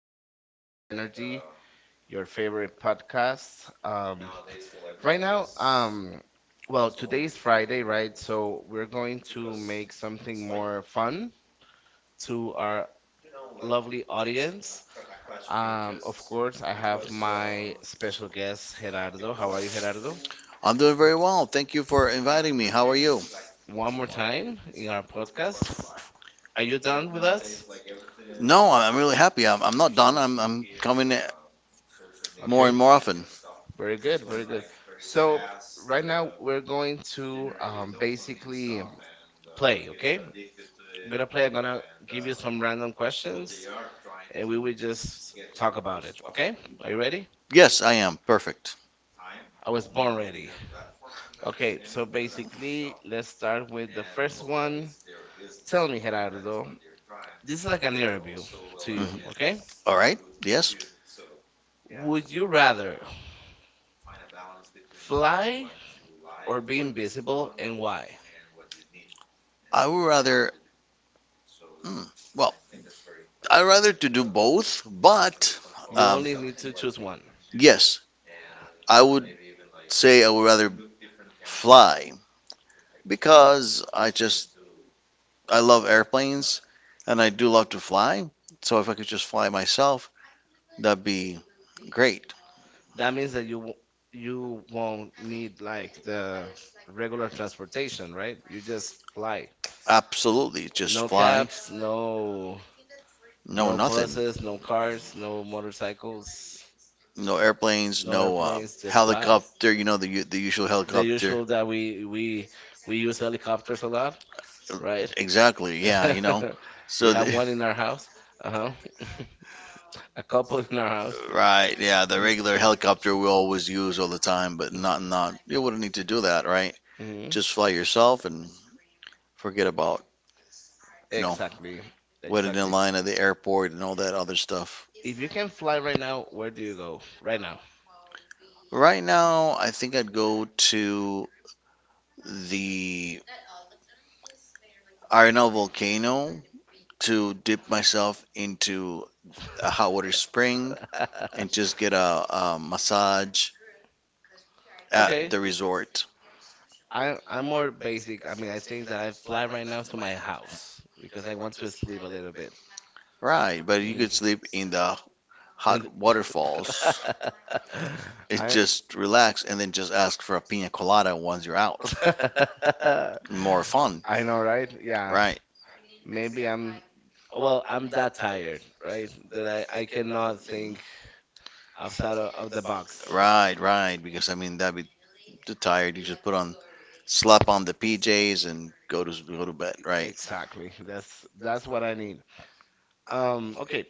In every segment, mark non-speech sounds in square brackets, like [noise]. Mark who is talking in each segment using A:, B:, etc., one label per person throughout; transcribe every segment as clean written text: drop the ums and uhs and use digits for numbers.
A: to Bestie Energy, your favorite podcast. Um, right now, well, today is Friday, right? So we're going to make something more fun to our lovely audience. Of course, I have my special guest, Gerardo. How are you, Gerardo?
B: How are you?
A: One more time in our podcast. Are you done with us?
B: No, I'm really happy. I'm not done. I'm coming in more and
A: Okay.
B: more often.
A: Very good, very good. So right now we're going to basically play, okay? I'm gonna play. I'm gonna give you some random questions, and we will just talk about it, okay? Are you ready?
B: Yes, I am. Perfect.
A: I was born ready. Okay, so basically, let's start with the first one. Tell me, Gerardo, this is like an interview to you,
B: Mhm.
A: okay?
B: All right. Yes.
A: Would you rather fly or be invisible, and why?
B: I would rather, hmm, well, I'd rather to do both, but
A: You
B: um,
A: only need to choose one.
B: yes, I would say I would rather fly because I love airplanes and I do love to fly. So if I could just fly myself, that'd be great.
A: That means that you won't need like the regular transportation, right? You just fly.
B: Absolutely, just
A: No
B: fly.
A: cabs, no
B: No,
A: no
B: nothing.
A: buses, no cars, no motorcycles,
B: No airplanes,
A: no
B: no
A: airplanes, just fly.
B: helicopter. You know, the usual. The
A: The
B: helicopter.
A: usual that we we
B: [laughs]
A: we use helicopters a lot, right?
B: Exactly. Yeah. You know. [laughs]
A: [laughs]
B: We
A: We
B: so the,
A: have one in our house.
B: [laughs]
A: Uh-huh. [laughs] A couple in our house.
B: [laughs] right. Yeah. The regular helicopter we always use all the time, but not. You wouldn't need to do that, right?
A: Mm-hmm.
B: Just fly yourself and forget about, you know,
A: Exactly.
B: waiting in
A: Exactly.
B: line at the airport and all that other stuff.
A: If you can fly right now, where do you go? Right now.
B: Right now, I think I'd go to the Arenal volcano to dip myself into
A: [laughs]
B: a hot water spring
A: water [laughs] and
B: and just get a massage
A: I
B: at okay
A: Okay.
B: the resort.
A: I'm more basic. I mean, I think that I fly right now to my house because I want to sleep a little bit.
B: Right, but you
A: Mhm.
B: could sleep in the
A: on
B: hot
A: And-
B: waterfalls. [laughs]
A: [laughs]
B: It's
A: I [laughs]
B: just relax and then just ask for a pina colada once you're out.
A: mountains.
B: [laughs] More fun.
A: I know, right? Yeah.
B: Right,
A: Maybe I'm well, I'm that tired, right? That I cannot think outside of the box.
B: right. Because I mean that'd be too tired. You just put on, slap on the PJs and go to bed. Right.
A: Exactly. That's what I need. Okay,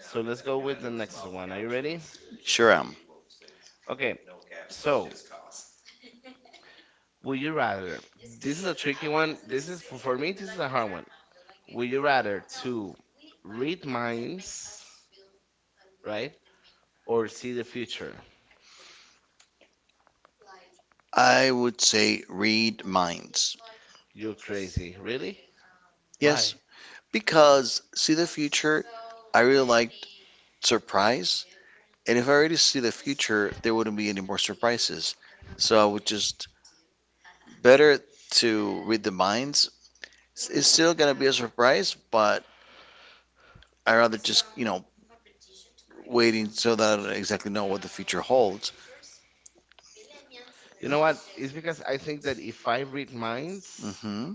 A: so let's go with the next one. Are you ready?
B: Sure am.
A: Okay, so would you rather? This is a tricky one. This is for me. This is a hard one. Would you rather to read minds, right, or see the future?
B: I would say read minds.
A: You're crazy. Really?
B: Yes,
A: Why?
B: because see the future, I really like surprise. And if I already see the future, there wouldn't be any more surprises. So I would just better to read the minds. It's still gonna be a surprise, but I rather just, you know, waiting so that I don't exactly know what the future holds.
A: You know what? It's because I think that if I read minds,
B: Hmm.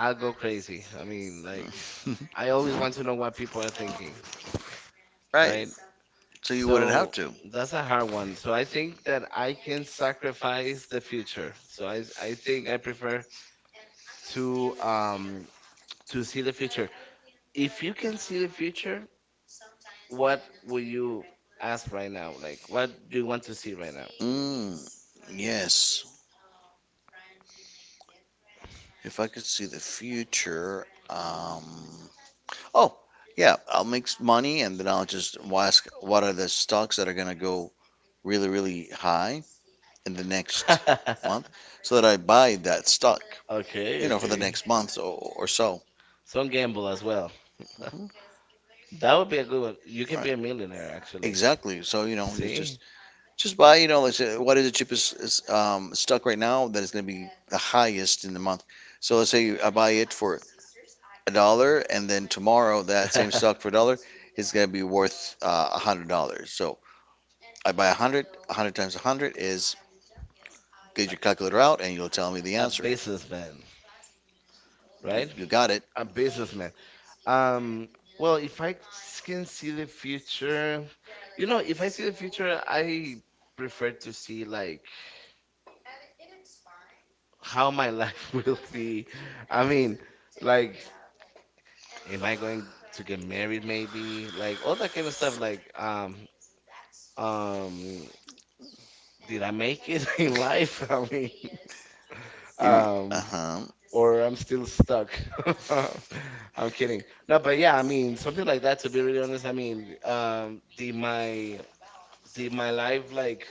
A: I'll go crazy. I mean, like
B: [laughs]
A: I always want to know what people are thinking,
B: Right.
A: right?
B: So you wouldn't have
A: So
B: to.
A: that's a hard one. So I think that I can sacrifice the future. So I think I prefer to um to see the future. If you can see the future, what will you ask right now? Like what do you want to see right now?
B: Mm, yes. If I could see the future, oh, yeah, money and then I'll just ask what are the stocks that are gonna go really, really high in the next [laughs] month
A: [laughs]
B: so that I buy that stock, you
A: Okay,
B: okay know, for the okay
A: okay.
B: next month or so.
A: Some gamble as well. [laughs]
B: Hmm.
A: That would be a good one. You can be a
B: Right.
A: millionaire actually.
B: Exactly. So, you know, you
A: See?
B: just buy, you know, let's say, what is the cheapest is, stock right now that is going to be the highest in the month. So let's say I buy it for a dollar, and then tomorrow that same stock for a
A: [laughs]
B: dollar is going to be worth $100. So I buy a hundred. A hundred times a hundred is, get your calculator out, and you'll tell me the
A: A
B: answer.
A: businessman, right?
B: You got it.
A: A businessman. Um, well, if I can see the future, you know, if I see the future, I prefer to see like how my life [laughs] will be. I mean, like, am I going to get married maybe? Like all that kind of stuff. Like, um, did I make it [laughs] in life? [laughs] I mean,
B: Uh
A: um,
B: huh.
A: or I'm still stuck. [laughs] I'm kidding. No, but yeah, I mean something like that. To be really honest, I mean, did my life like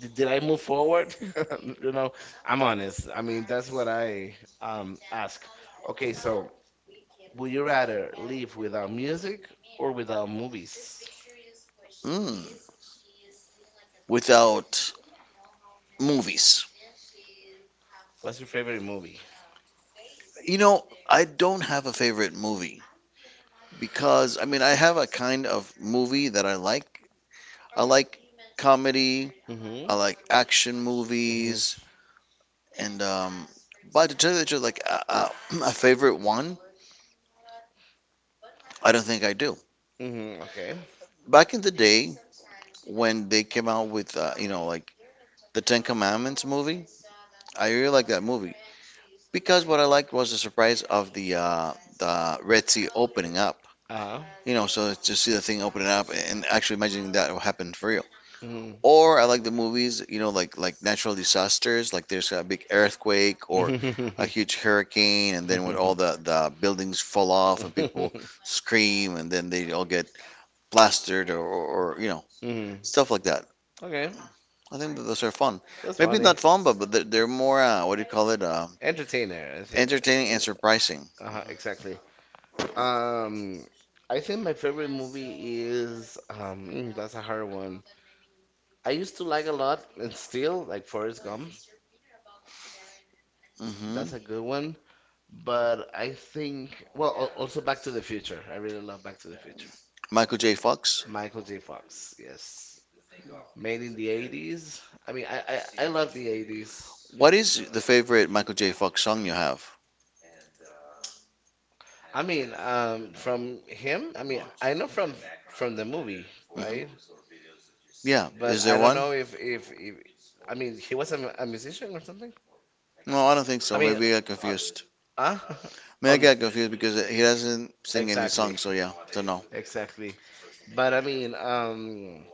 A: did I move forward? [laughs] You know, I'm honest. I mean that's what I ask. Okay, so would you rather live without music or without movies?
B: Mm. Without movies,
A: What's your favorite movie?
B: you know, I don't have a favorite movie because I mean I have a kind of movie that I like. I like comedy.
A: Mm-hmm.
B: I like action movies.
A: Mm-hmm.
B: And but to tell you the truth, [clears throat] a favorite one, I don't think I do.
A: Mm-hmm. Okay.
B: Back in the day when they came out with you know, like the Ten Commandments movie, I really liked that movie because what I liked was the surprise of the Red Sea opening up.
A: Uh-huh.
B: You know, so to see the thing opening up and actually imagining that will happen for real. Or I like the movies, you know, like natural disasters, like there's a big earthquake or [laughs] a huge
A: Mm-hmm.
B: hurricane, and then when
A: [laughs]
B: all the
A: [laughs]
B: the buildings fall off and
A: off.
B: people
A: [laughs]
B: scream, and then they all get plastered or you know
A: Mhm.
B: stuff like that.
A: like okay,
B: I think that those are fun.
A: that's like
B: Maybe not
A: funny.
B: fun, but they're more what do you call it?
A: It? Entertainer. I think.
B: Entertaining and surprising.
A: Uh-huh, exactly. Um, I think my favorite movie is that's a hard one. I used to like a lot and still like Forrest Gump.
B: Hmm.
A: That's a good one. But I think also Back to the Future. I really love Back to the Future.
B: Michael J. Fox.
A: Michael J. Fox. Yes, made in the 80s. I mean, I love the 80s.
B: What is the favorite Michael J. Fox song you have?
A: I mean, from him, I mean, I know from the movie, right?
B: Hmm. Yeah,
A: But
B: is
A: I
B: there
A: don't
B: one?
A: know if I mean, he was a musician or something.
B: No, I don't think
A: I
B: so.
A: mean,
B: Maybe I got
A: uh,
B: confused.
A: uh, [laughs] on
B: Maybe I
A: the,
B: got confused because he doesn't sing any
A: exactly,
B: songs, so yeah, so no.
A: exactly. But I mean,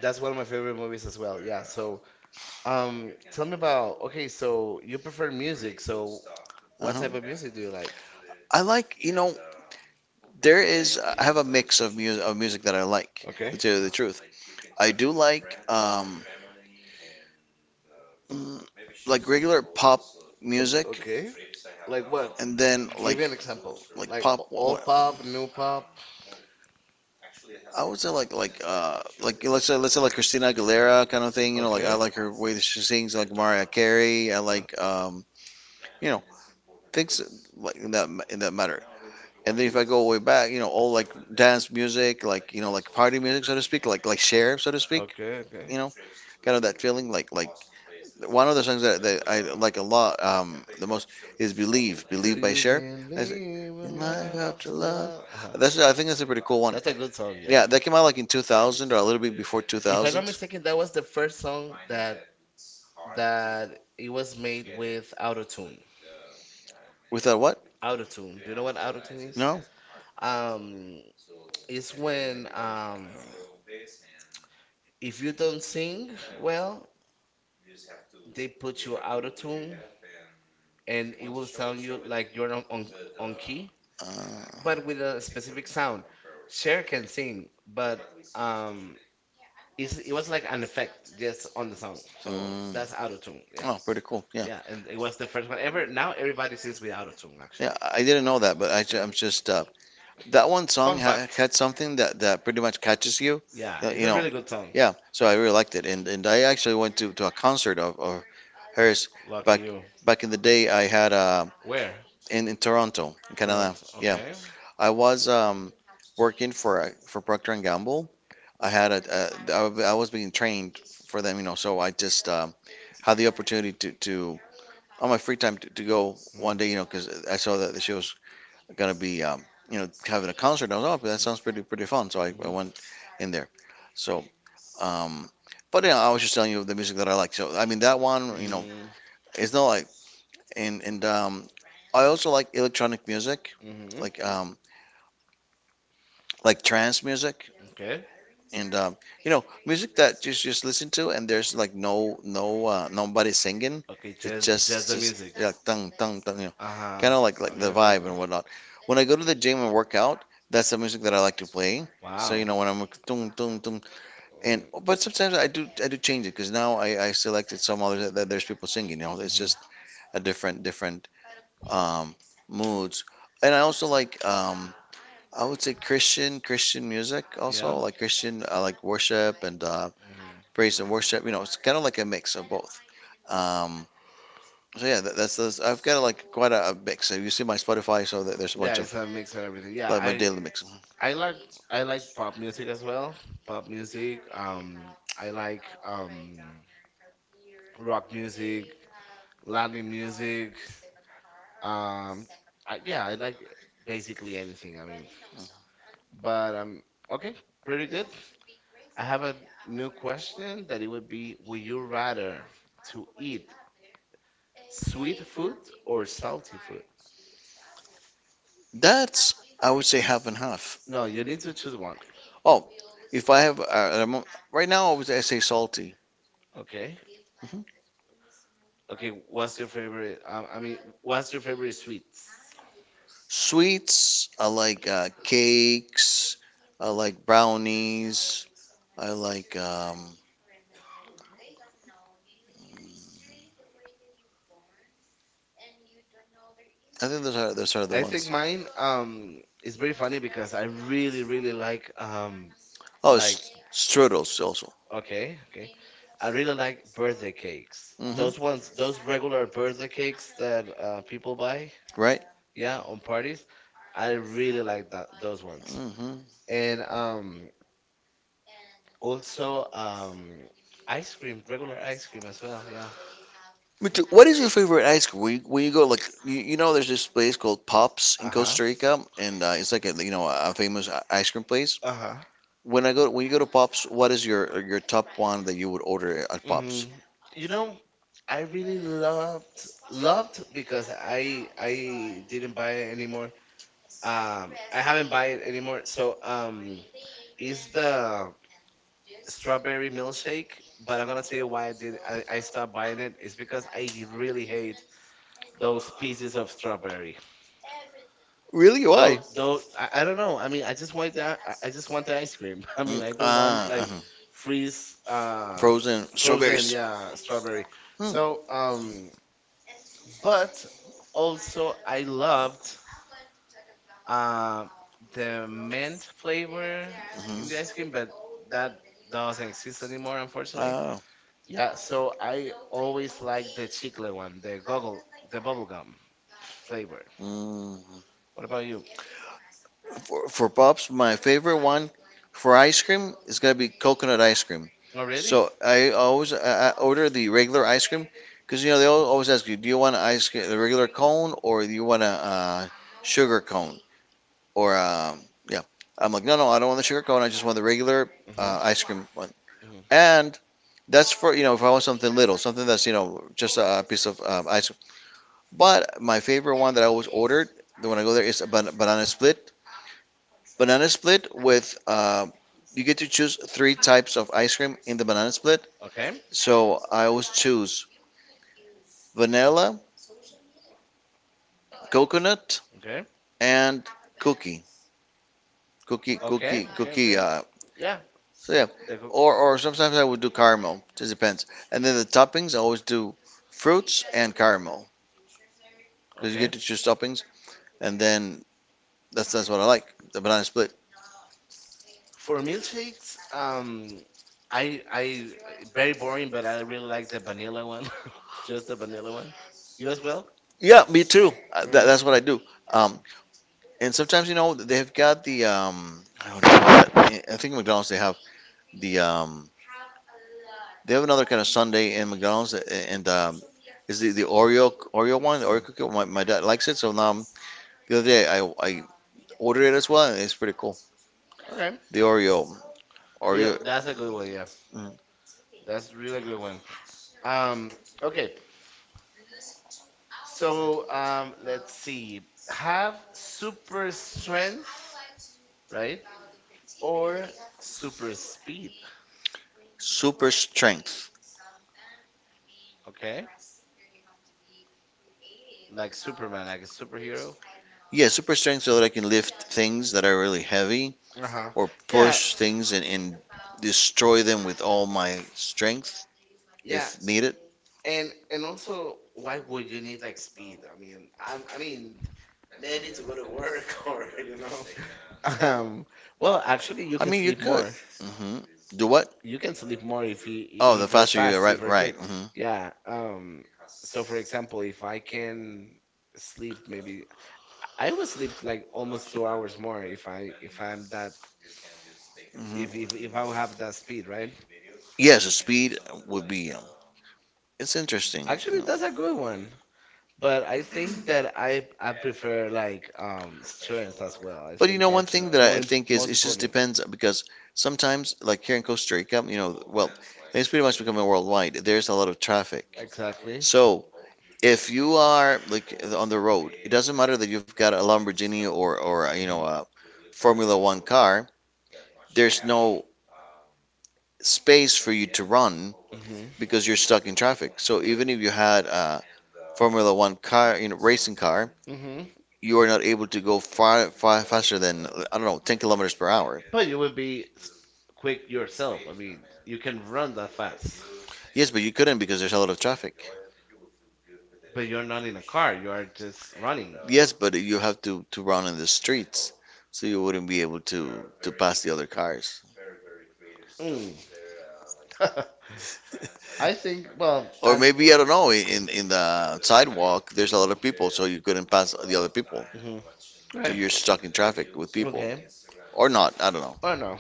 A: that's one of my favorite movies as well. Yeah. So, tell me about, okay, so you prefer music. So, what
B: Uh-huh.
A: type of music do you like?
B: I like, you know, I have a mix of music that I like, to
A: Okay.
B: tell you the truth. I do like um mm, like regular pop
A: O-
B: music
A: okay. Like what?
B: and then
A: Give
B: like
A: me an example.
B: like
A: Like
B: pop
A: old pop, new pop.
B: I would say let's say like Christina Aguilera kind of thing, you know, like I
A: Okay.
B: like her way that she sings, I like Mariah Carey, I
A: Uh,
B: like you know, things like in that matter. And then if I go way back, you know, all like dance
A: uh,
B: music, like you know, like party music, so to speak, like Share, so to speak,
A: okay, okay.
B: you know, kind of that feeling. Like one of the songs that I like a lot, the most is "Believe,"
A: Do
B: "Believe" by
A: you
B: Cher.
A: believe
B: That's it. In
A: in
B: life
A: love
B: after
A: after
B: love,
A: love? Uh-huh.
B: that's, I think that's a pretty cool one.
A: Good song, yeah.
B: Yeah, that came out like in 2000 or a little bit before
A: If I'm
B: 2000.
A: not mistaken, that was the first song that it was made with autotune.
B: Without what?
A: Autotune. Do you know what autotune is?
B: No.
A: Um, it's when if you don't sing well, they put you autotune and it will sound you like you're on key,
B: Uh,
A: but with a specific sound. Cher can sing, but um, it was like an effect just on the song. So that's
B: mm.
A: autotune. Yeah.
B: Oh, pretty cool. Yeah.
A: Yeah, and it was the first one ever. Now everybody sings with autotune,
B: Actually. Yeah,
A: actually.
B: I didn't know that, but
A: Yeah.
B: I'm just that one song
A: Fun fact.
B: had something that, that pretty much catches you.
A: Yeah,
B: Yeah,
A: it's
B: you
A: a
B: know,
A: really
B: a
A: good song.
B: yeah, so I really liked it, and I actually went to a concert of hers
A: Lucky
B: back
A: you.
B: back in the day. I had
A: Where?
B: in Toronto, in Canada.
A: Toronto.
B: Yeah,
A: Okay.
B: I was working for Procter and Gamble, I had a I was being trained for them, you know, so I just had the opportunity to on my free time to go
A: Mm.
B: one day, you know, because I saw that she was gonna be, you know, having a concert. I was, oh, that sounds pretty pretty fun, so I
A: Mhm.
B: went in there. So, um, but yeah, I was just telling you the music that I like. So I mean that one, you know,
A: Mhm.
B: it's not like and I also like electronic music,
A: Mhm.
B: like um, like trance music.
A: Okay.
B: And you know, music that just listen to and there's like no no nobody singing.
A: Okay.
B: Okay, it's
A: Just,
B: just
A: the
B: the
A: music.
B: just yeah, tung tung tung. You know,
A: Uh
B: ah,
A: huh.
B: kind of like
A: Okay.
B: the
A: Okay.
B: vibe
A: Okay.
B: and whatnot. When I go to the gym and work out, that's the music that I like to play. So wow, you
A: Wow.
B: know, when I'm like, tung tung tung,
A: Um,
B: and but sometimes I do change it because now I selected some others that, that there's people singing. You know, it's
A: mhm.
B: just a different um moods. And I also like I would say Christian music, yeah,
A: Yeah.
B: also like Christian, I like worship and
A: Mhm.
B: praise and worship. You know, it's kind of like a mix of both. Um, so yeah, that's I've got like quite a mix. So you see my Spotify, so that there's a
A: Yeah,
B: bunch
A: it's
B: of
A: a mix and everything. Yeah,
B: like my
A: I
B: daily mix.
A: I like like pop music as well. Pop music. I like rock music, Latin music. Um, I, yeah, I like basically anything. I mean, but okay, pretty good. I have a new question that it would be: Would you rather to eat sweet food or salty food?
B: That's I would say half and half.
A: No, you need to choose one.
B: Oh, if I have right now, I would say I say salty.
A: Okay.
B: Mhm.
A: Okay, what's your favorite? I mean, what's your favorite sweets?
B: Sweets, I like cakes, I like brownies, I like I think those are the
A: I think
B: ones.
A: mine is very funny because I really really
B: Oh,
A: like
B: strudels also.
A: okay okay I really like birthday cakes.
B: Hmm.
A: Those ones, those regular birthday cakes that people buy,
B: Right?
A: yeah, on parties. I really like that those ones.
B: Hmm.
A: And also ice cream, regular ice cream as well, yeah.
B: But what is your favorite ice cream? Where you go, like you know, there's this place called Pops in
A: Uh-huh.
B: Costa Rica, and it's like a you know a famous ice cream place.
A: Uh-huh.
B: When I go, when you go to Pops, what is your top one that you would order at
A: hmm
B: Pops?
A: You know, I really loved because I didn't buy it anymore. I haven't buy it anymore. So, is the strawberry milkshake, but I'm gonna tell you why I stopped buying it. It's because I really hate those pieces of strawberry.
B: Really?
A: Though,
B: Why?
A: though, I don't know. I mean, I just want that. I just want the ice cream. [laughs] I
B: Mm,
A: mean, I don't want Ah,
B: ah,
A: like
B: uh-huh.
A: freeze,
B: Frozen frozen,
A: frozen,
B: strawberries.
A: yeah, strawberry.
B: Mm.
A: So, but also I loved um the mint flavor
B: Mhm.
A: in the ice cream, but that doesn't exist anymore, unfortunately.
B: Ah,
A: Yeah, so I always like the chicle one, the goggle, the bubble gum flavor.
B: mm.
A: What about you?
B: For Pops, my favorite one for ice cream is gonna be coconut ice cream. Oh
A: Oh,
B: really?
A: really?
B: So I always I order the regular ice cream because you know they always ask you, do you want ice cream, a regular cone or do you want a sugar cone or yeah. I'm like, no, no, I don't want the sugar cone. I just want the regular
A: Mhm.
B: ice cream one.
A: Mhm.
B: And that's for, you know, if I want something little, something that's you know just a piece of ice cream. But my favorite one that I always ordered the when I go there is a banana split. Banana split with you get to choose three types of ice cream in the banana split.
A: Okay.
B: So I always choose vanilla, coconut,
A: Okay.
B: and cookie,
A: Okay. Okay.
B: cookie.
A: Okay. Yeah.
B: So yeah,
A: The go-
B: or sometimes I would do caramel. It just depends. And then the toppings I always do fruits and caramel because you
A: okay.
B: get to choose toppings, and then that's what I like. The banana split.
A: For milkshakes, I very boring, but I really like the vanilla one. [laughs] Just the vanilla one. You as well?
B: Yeah, me too. That,
A: Mm.
B: that's what I do. Um, And sometimes, you know, they've got the I don't know what do you call it. I think McDonald's they have the they have another kind of Sunday in McDonald's, and is the Oreo one, the Oreo
A: Mm.
B: cookie. My dad likes it, so the other day I ordered it as well, and it's pretty cool.
A: Okay.
B: The Oreo
A: Yeah,
B: Oreo, that's
A: that's
B: a
A: a good
B: good one.
A: one. Yeah,
B: Mm.
A: that's really good one. Um, okay. So let's see. Have super strength, right? Or super speed,
B: Super strength.
A: okay? Like Superman, like a superhero.
B: Yeah, super strength so that I can lift things that are really heavy
A: Uh-huh.
B: or
A: Yeah,
B: push things and destroy them with all my strength
A: yeah.
B: if needed.
A: And also, why would you need like speed? I mean, I'm, I mean, maybe to go to work [laughs] or you know. [laughs] Um, well, actually, you
B: I
A: can
B: mean, you
A: sleep
B: could.
A: more.
B: Hmm. The what?
A: You can sleep more if you
B: Oh, the
A: if you're
B: faster you
A: fast, if
B: right,
A: you're
B: right.
A: quick.
B: Hmm.
A: Yeah. So for example, if I can sleep, maybe I would sleep like almost 2 hours more if I if I'm that
B: Hmm.
A: if I have that speed, right?
B: Yes, the speed would be. It's interesting,
A: Actually, that's a good one. But I think that I prefer like strength as well. I
B: but you
A: think
B: know, one
A: that's
B: thing that
A: more
B: I think is
A: most
B: it just
A: important.
B: depends because sometimes, like here in Costa Rica, you know, well, it's pretty much becoming worldwide. There's a lot of traffic,
A: Exactly.
B: so if you are like on the road, it doesn't matter that you've got a Lamborghini or or you know
A: Mhm.
B: a Formula One car. There's no space for you to run
A: Mhm.
B: because you're stuck in traffic. So even if you had Formula One car, you know, racing car,
A: Mhm.
B: you are not able to go far, far faster than I don't know, 10 kilometers per hour.
A: But you would be quick yourself. I mean, you can run that fast,
B: Yes, but you couldn't because there's a lot of traffic.
A: but you're not in a car. You are just running.
B: Yes, but you have to run in the streets, so you wouldn't be able to pass the other cars.
A: Mm. [laughs] I think. Well,
B: Or
A: and. The-
B: maybe I don't know, in the sidewalk there's a lot of people, so you couldn't pass the other people.
A: Mhm.
B: So
A: Okay.
B: you're stuck in traffic with people,
A: Okay.
B: or not? I don't know.
A: Or no.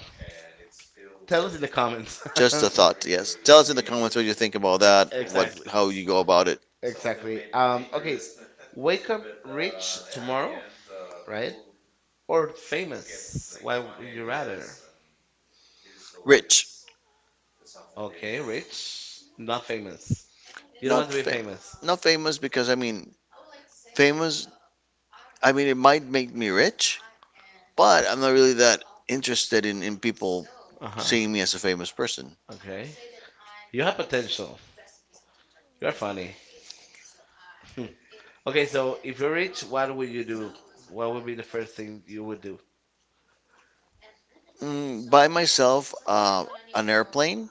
A: Tell us in the comments.
B: Just a
A: [laughs]
B: thought. Yes. Tell us in the comments what you think about that. What
A: Exactly.
B: how you go about it.
A: Exactly. Okay. Wake up rich tomorrow, right? Or famous? Why would you rather?
B: Rich,
A: Okay, rich, not famous. You don't want
B: not
A: to be
B: fam-
A: famous.
B: not famous because I mean famous. I mean it might make me rich, but I'm not really that interested in people
A: Uh huh.
B: seeing me as a famous person.
A: Okay. You have potential. You're funny. [laughs] Okay, so if you're rich, what would you do? What would be the first thing you would do?
B: Mm, by myself, an airplane.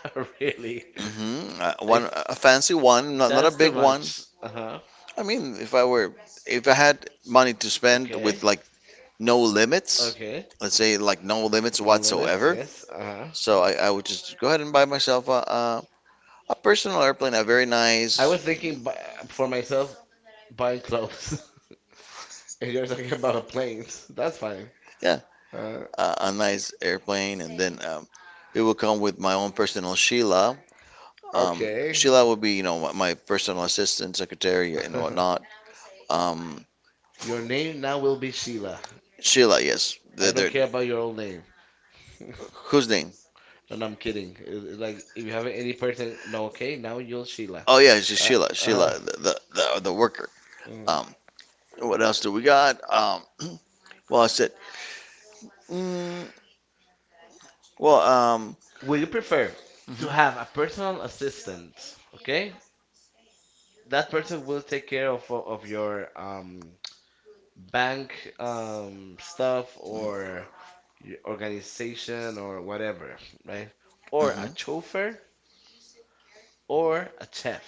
A: [laughs] Really?
B: Hmm.
A: I
B: One
A: th-
B: a fancy one, not not a
A: that's too
B: big one.
A: much. Uh huh.
B: I mean, if I were if I had money to spend
A: Okay.
B: with like no limits,
A: Okay.
B: let's say like no limits
A: No limits.
B: whatsoever,
A: Yes. Uh huh.
B: so I would just go ahead and buy myself a personal airplane, a very nice,
A: I was thinking for myself buying clothes. [laughs] And you're talking about planes. [laughs] That's fine.
B: yeah,
A: Uh,
B: a nice airplane, and then it will come with my own personal Sheila. Um,
A: okay.
B: Sheila will be, you know, my personal assistant, secretary, and whatnot.
A: [laughs]
B: Um,
A: Your name now will be Sheila.
B: Sheila, yes,
A: I don't
B: the
A: care about your old name. [laughs]
B: whose name?
A: And I'm kidding. It like, if you have any person, no, okay, now you're Sheila.
B: Oh yeah, she's
A: Uh,
B: Sheila,
A: uh-huh.
B: Sheila, the worker.
A: Mhm.
B: Um, what else do we got? [clears throat] Well, I said, mm, well,
A: Would you prefer to
B: mhm,
A: have a personal assistant? Okay, that person will take care of your bank stuff or your organization or whatever, right? Or a
B: mhm.
A: chauffeur or a chef.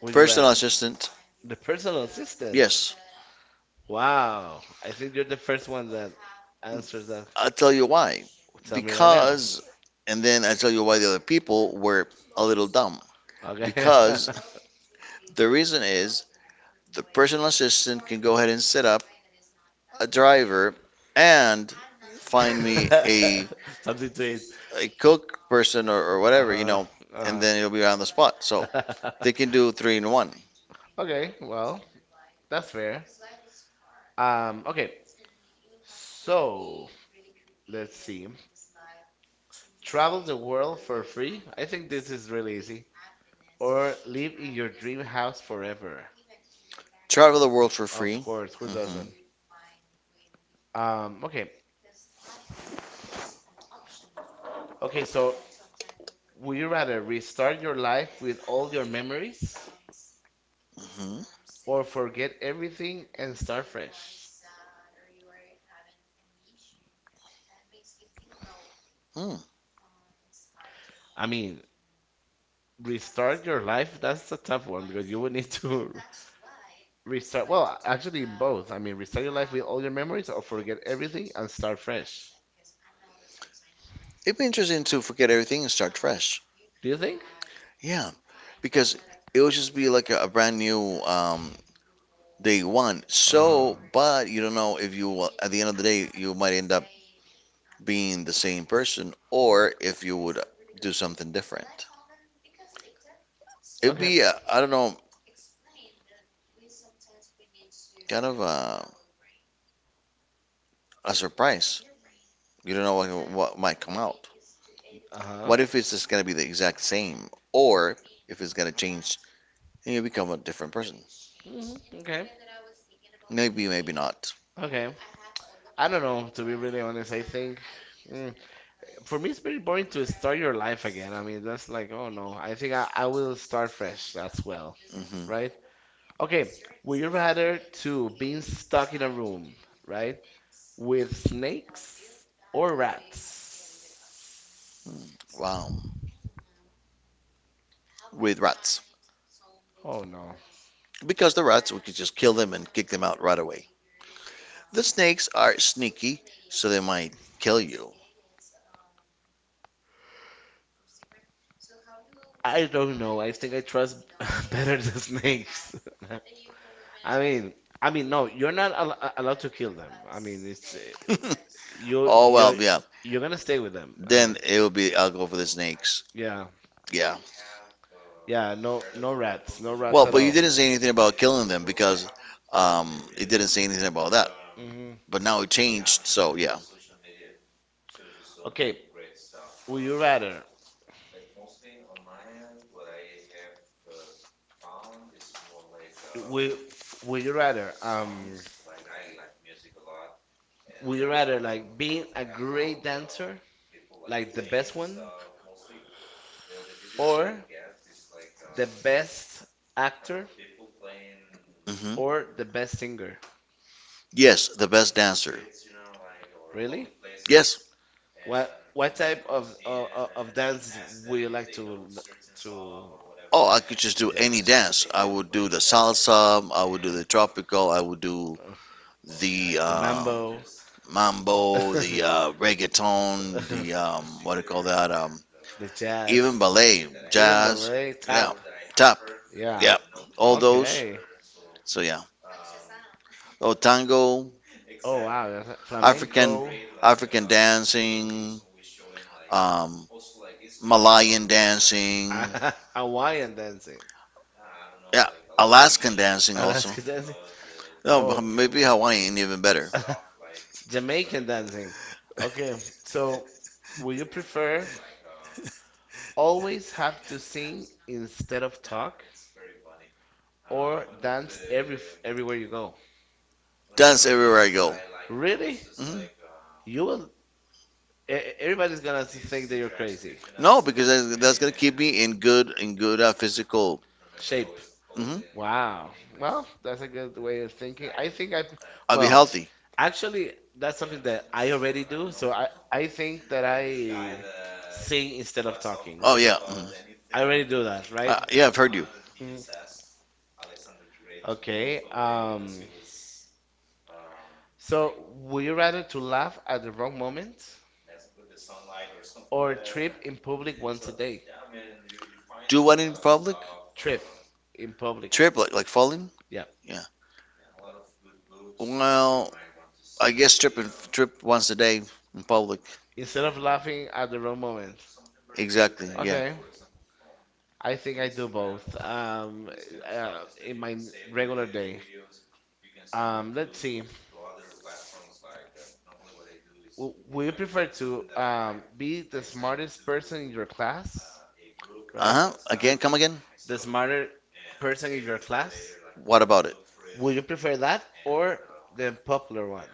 A: Would you
B: Personal
A: rather?
B: assistant,
A: The personal assistant.
B: yes.
A: Wow. I think you're the first one that answers that.
B: I'll tell you why.
A: Tell me right now.
B: Because, and then I'll tell you why the other people were a little dumb.
A: Okay.
B: Because the reason is the personal assistant can go ahead and set up a driver and find me
A: [laughs] Something to eat.
B: a cook person or whatever, you
A: Uh-huh.
B: know, and
A: Uh-huh.
B: then it'll be on the spot. So they can do three in one.
A: [laughs] Okay, well, that's fair. Okay. So, let's see. Travel the world for free. I think this is really easy. Or live in your dream house forever.
B: Travel the world for
A: Of
B: free.
A: course, who
B: Hmm.
A: doesn't? Okay. Okay, so would you rather restart your life with all your memories
B: Hmm.
A: or forget everything and start fresh?
B: Hmm.
A: I mean, restart your life, that's a tough one because you would need to [laughs] restart. Actually, both. I mean, restart your life with all your memories or forget everything and start fresh.
B: It'd be interesting to forget everything and start fresh.
A: Do you think?
B: Yeah, because it would just be like a brand new they want.
A: Uh-huh.
B: So, but you don't know if you will, at the end of the day, you might end up being the same person or if you would do something different. It'd
A: Okay.
B: be, I don't know, kind of a surprise. You don't know what might come out.
A: Uh huh.
B: What if it's just going to be the exact same or if it's going to change and you become a different person?
A: Okay.
B: Maybe, maybe not.
A: Okay. I don't know. To be really honest, I think mm, for me it's very boring to start your life again. I mean, that's like, oh no. I think I will start fresh as well,
B: Hmm.
A: right? Okay. Would you rather to being stuck in a room, right, with snakes or rats?
B: Wow. With rats.
A: Oh no.
B: Because the rats, we could just kill them and kick them out right away. The snakes are sneaky, so they might kill you.
A: I don't know. I think I trust [laughs] better the snakes. [laughs] I mean, I mean, no, you're not allowed to kill them. I mean, it's
B: [laughs]
A: you
B: Oh well,
A: you're
B: yeah.
A: you're gonna stay with them. Uh-huh.
B: Then it will be. I'll go for the snakes.
A: Yeah,
B: Yeah.
A: yeah. No, no rats, no rats
B: Well,
A: at
B: but you
A: all.
B: didn't say anything about killing them because it didn't say anything about that.
A: hmm
B: But now it changed, so yeah.
A: Okay, would you rather? Would would you rather? Would you rather like being a great dancer, like the best one, or the best actor,
B: Hmm.
A: or the best singer?
B: Yes, the best dancer.
A: Really?
B: Yes.
A: What type of dance would you like to
B: Oh, I could just
A: to
B: do any dance. I would do the salsa. I would do the tropical. I would do
A: uh,
B: the
A: the
B: uh,
A: mambo, [laughs]
B: mambo,
A: the
B: the reggaeton, the what do you call that?
A: jazz,
B: Even ballet,
A: even
B: jazz,
A: ballet,
B: yeah,
A: tap?
B: tap,
A: Yeah.
B: yeah, all those.
A: Okay.
B: So yeah, oh tango,
A: Oh wow, that's a-
B: African,
A: flamenco,
B: African dancing, um, Malayan dancing,
A: [laughs] Hawaiian dancing,
B: yeah, Alaskan dancing also.
A: Alaska dancing.
B: No,
A: Oh,
B: maybe Hawaiian even better.
A: [laughs] Jamaican dancing. Okay,
B: [laughs]
A: so would you prefer? Always have to sing instead of talk or dance everywhere you go.
B: Dance everywhere I go.
A: Really?
B: Hmm.
A: You will. Everybody's gonna think that you're crazy.
B: No, because that's gonna keep me in good physical.
A: Shape.
B: Hmm.
A: Wow. Well, that's a good way of thinking. I think I.
B: I'll be
A: Well,
B: healthy.
A: actually, that's something that I already do. So I think that I sing instead of talking.
B: Oh yeah. Mhm.
A: I already do that, right?
B: Yeah, I've heard you.
A: Mm. Okay. So, would you rather to laugh at the wrong moment or trip in public once a day?
B: Do what in public?
A: Trip in public.
B: Trip like falling?
A: Yeah.
B: Yeah. Well, I guess trip and trip once a day in public.
A: Instead of laughing at the wrong moment.
B: Exactly. Yeah.
A: Okay. I think I do both. In my regular day. Let's see. Would you prefer to be the smartest person in your class,
B: Uh
A: right?
B: huh. Again,
A: The,
B: come again.
A: the smarter person in your class.
B: What about it?
A: Would you prefer that or the popular one?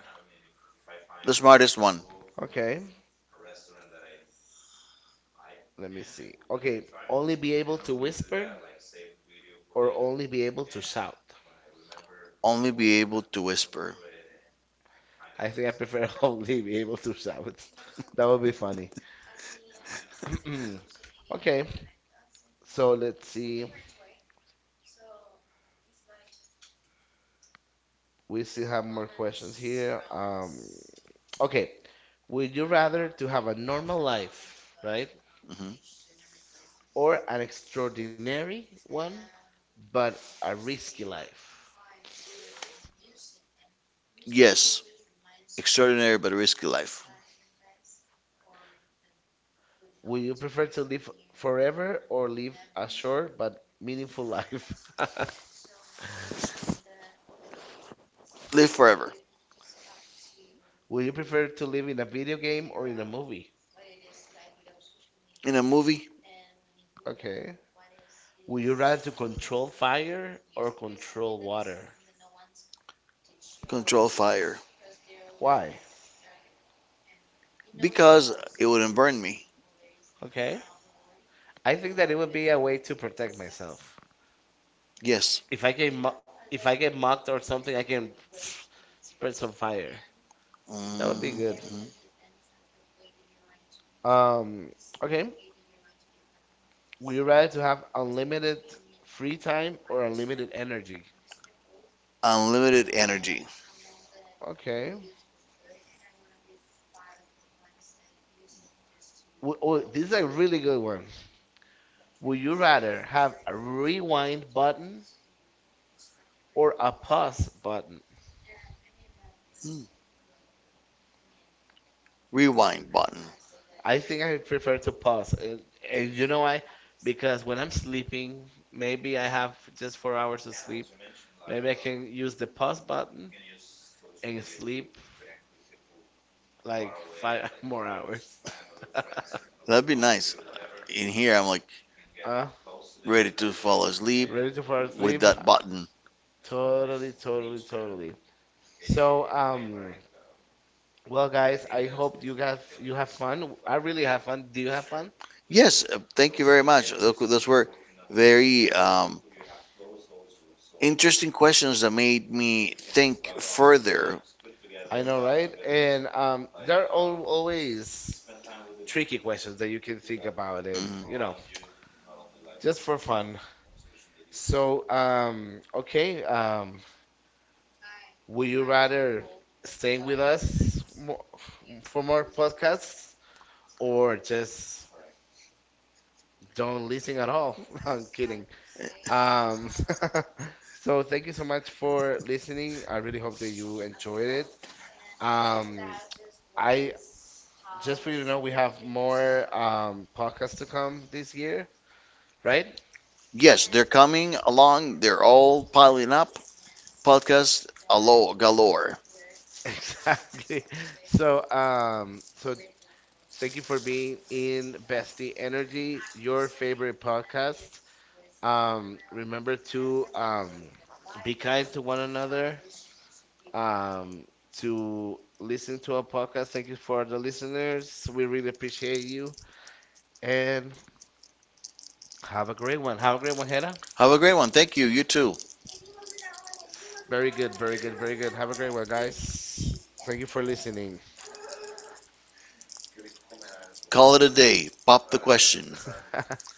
B: The smartest one.
A: Okay, let me see. Okay, only be able to whisper or only be able to shout?
B: Only be able to whisper.
A: I think I prefer [laughs] only be able to shout. That would be funny. [clears throat] Okay, so let's see. We still have more questions here. Okay, would you rather to have a normal life, right?
B: Mm-hmm.
A: Or an extraordinary one, but a risky life?
B: Yes, extraordinary but risky life.
A: Would you prefer to live forever or live a short but meaningful life? [laughs]
B: Live forever.
A: Would you prefer to live in a video game or in a movie?
B: In a movie,
A: Okay. Would you rather to control fire or control water?
B: control fire.
A: Why?
B: Because it wouldn't burn me.
A: Okay. I think that it would be a way to protect myself.
B: Yes.
A: If I get mo- if I get mocked or something, I can [laughs] [sniffs] spread some fire. That would
B: Mm,
A: be good.
B: mm.
A: Um. Okay. Would you rather to have unlimited free time or unlimited energy?
B: Unlimited energy.
A: Okay. Oh, this is a really good one. Would you rather have a rewind button or a pause button.
B: Mm. Rewind button.
A: I think I prefer to pause. And you know why? Because when I'm sleeping, maybe I have just 4 hours of sleep. Maybe I can use the pause button and sleep like 5 [laughs] more hours. [laughs]
B: That'd be nice. In here, I'm like
A: uh,
B: ready to fall asleep
A: ready to fall
B: with
A: asleep?
B: that button.
A: Totally, totally, totally. So, well, guys, I hope you guys you have fun. I really have fun. Do you have fun?
B: Yes, thank you very much. Look, those were very interesting questions that made me think further.
A: I know, right? And there are al always tricky questions that you can think about, and you
B: Mhm.
A: know, just for fun. So okay, would you rather staying with us for more podcasts or just don't listen at all? [laughs] I'm kidding. um [laughs] so thank you so much for listening. I really hope that you enjoyed it. um I just for you to know, we have more podcasts to come this year, right?
B: Yes, they're coming along. They're all piling up. Podcast alo galore.
A: [laughs] Exactly. So, thank you for being in Bestie Energy, your favorite podcast. Remember to be kind to one another. Um, to listen to our podcast. Thank you for the listeners. We really appreciate you. And have a great one. Have a great one, Hera.
B: Have a great one. Thank you. You too.
A: Very good, very good, very good. Have a great one, guys. Thank you for listening.
B: Call it a day. Pop the question.
A: [laughs]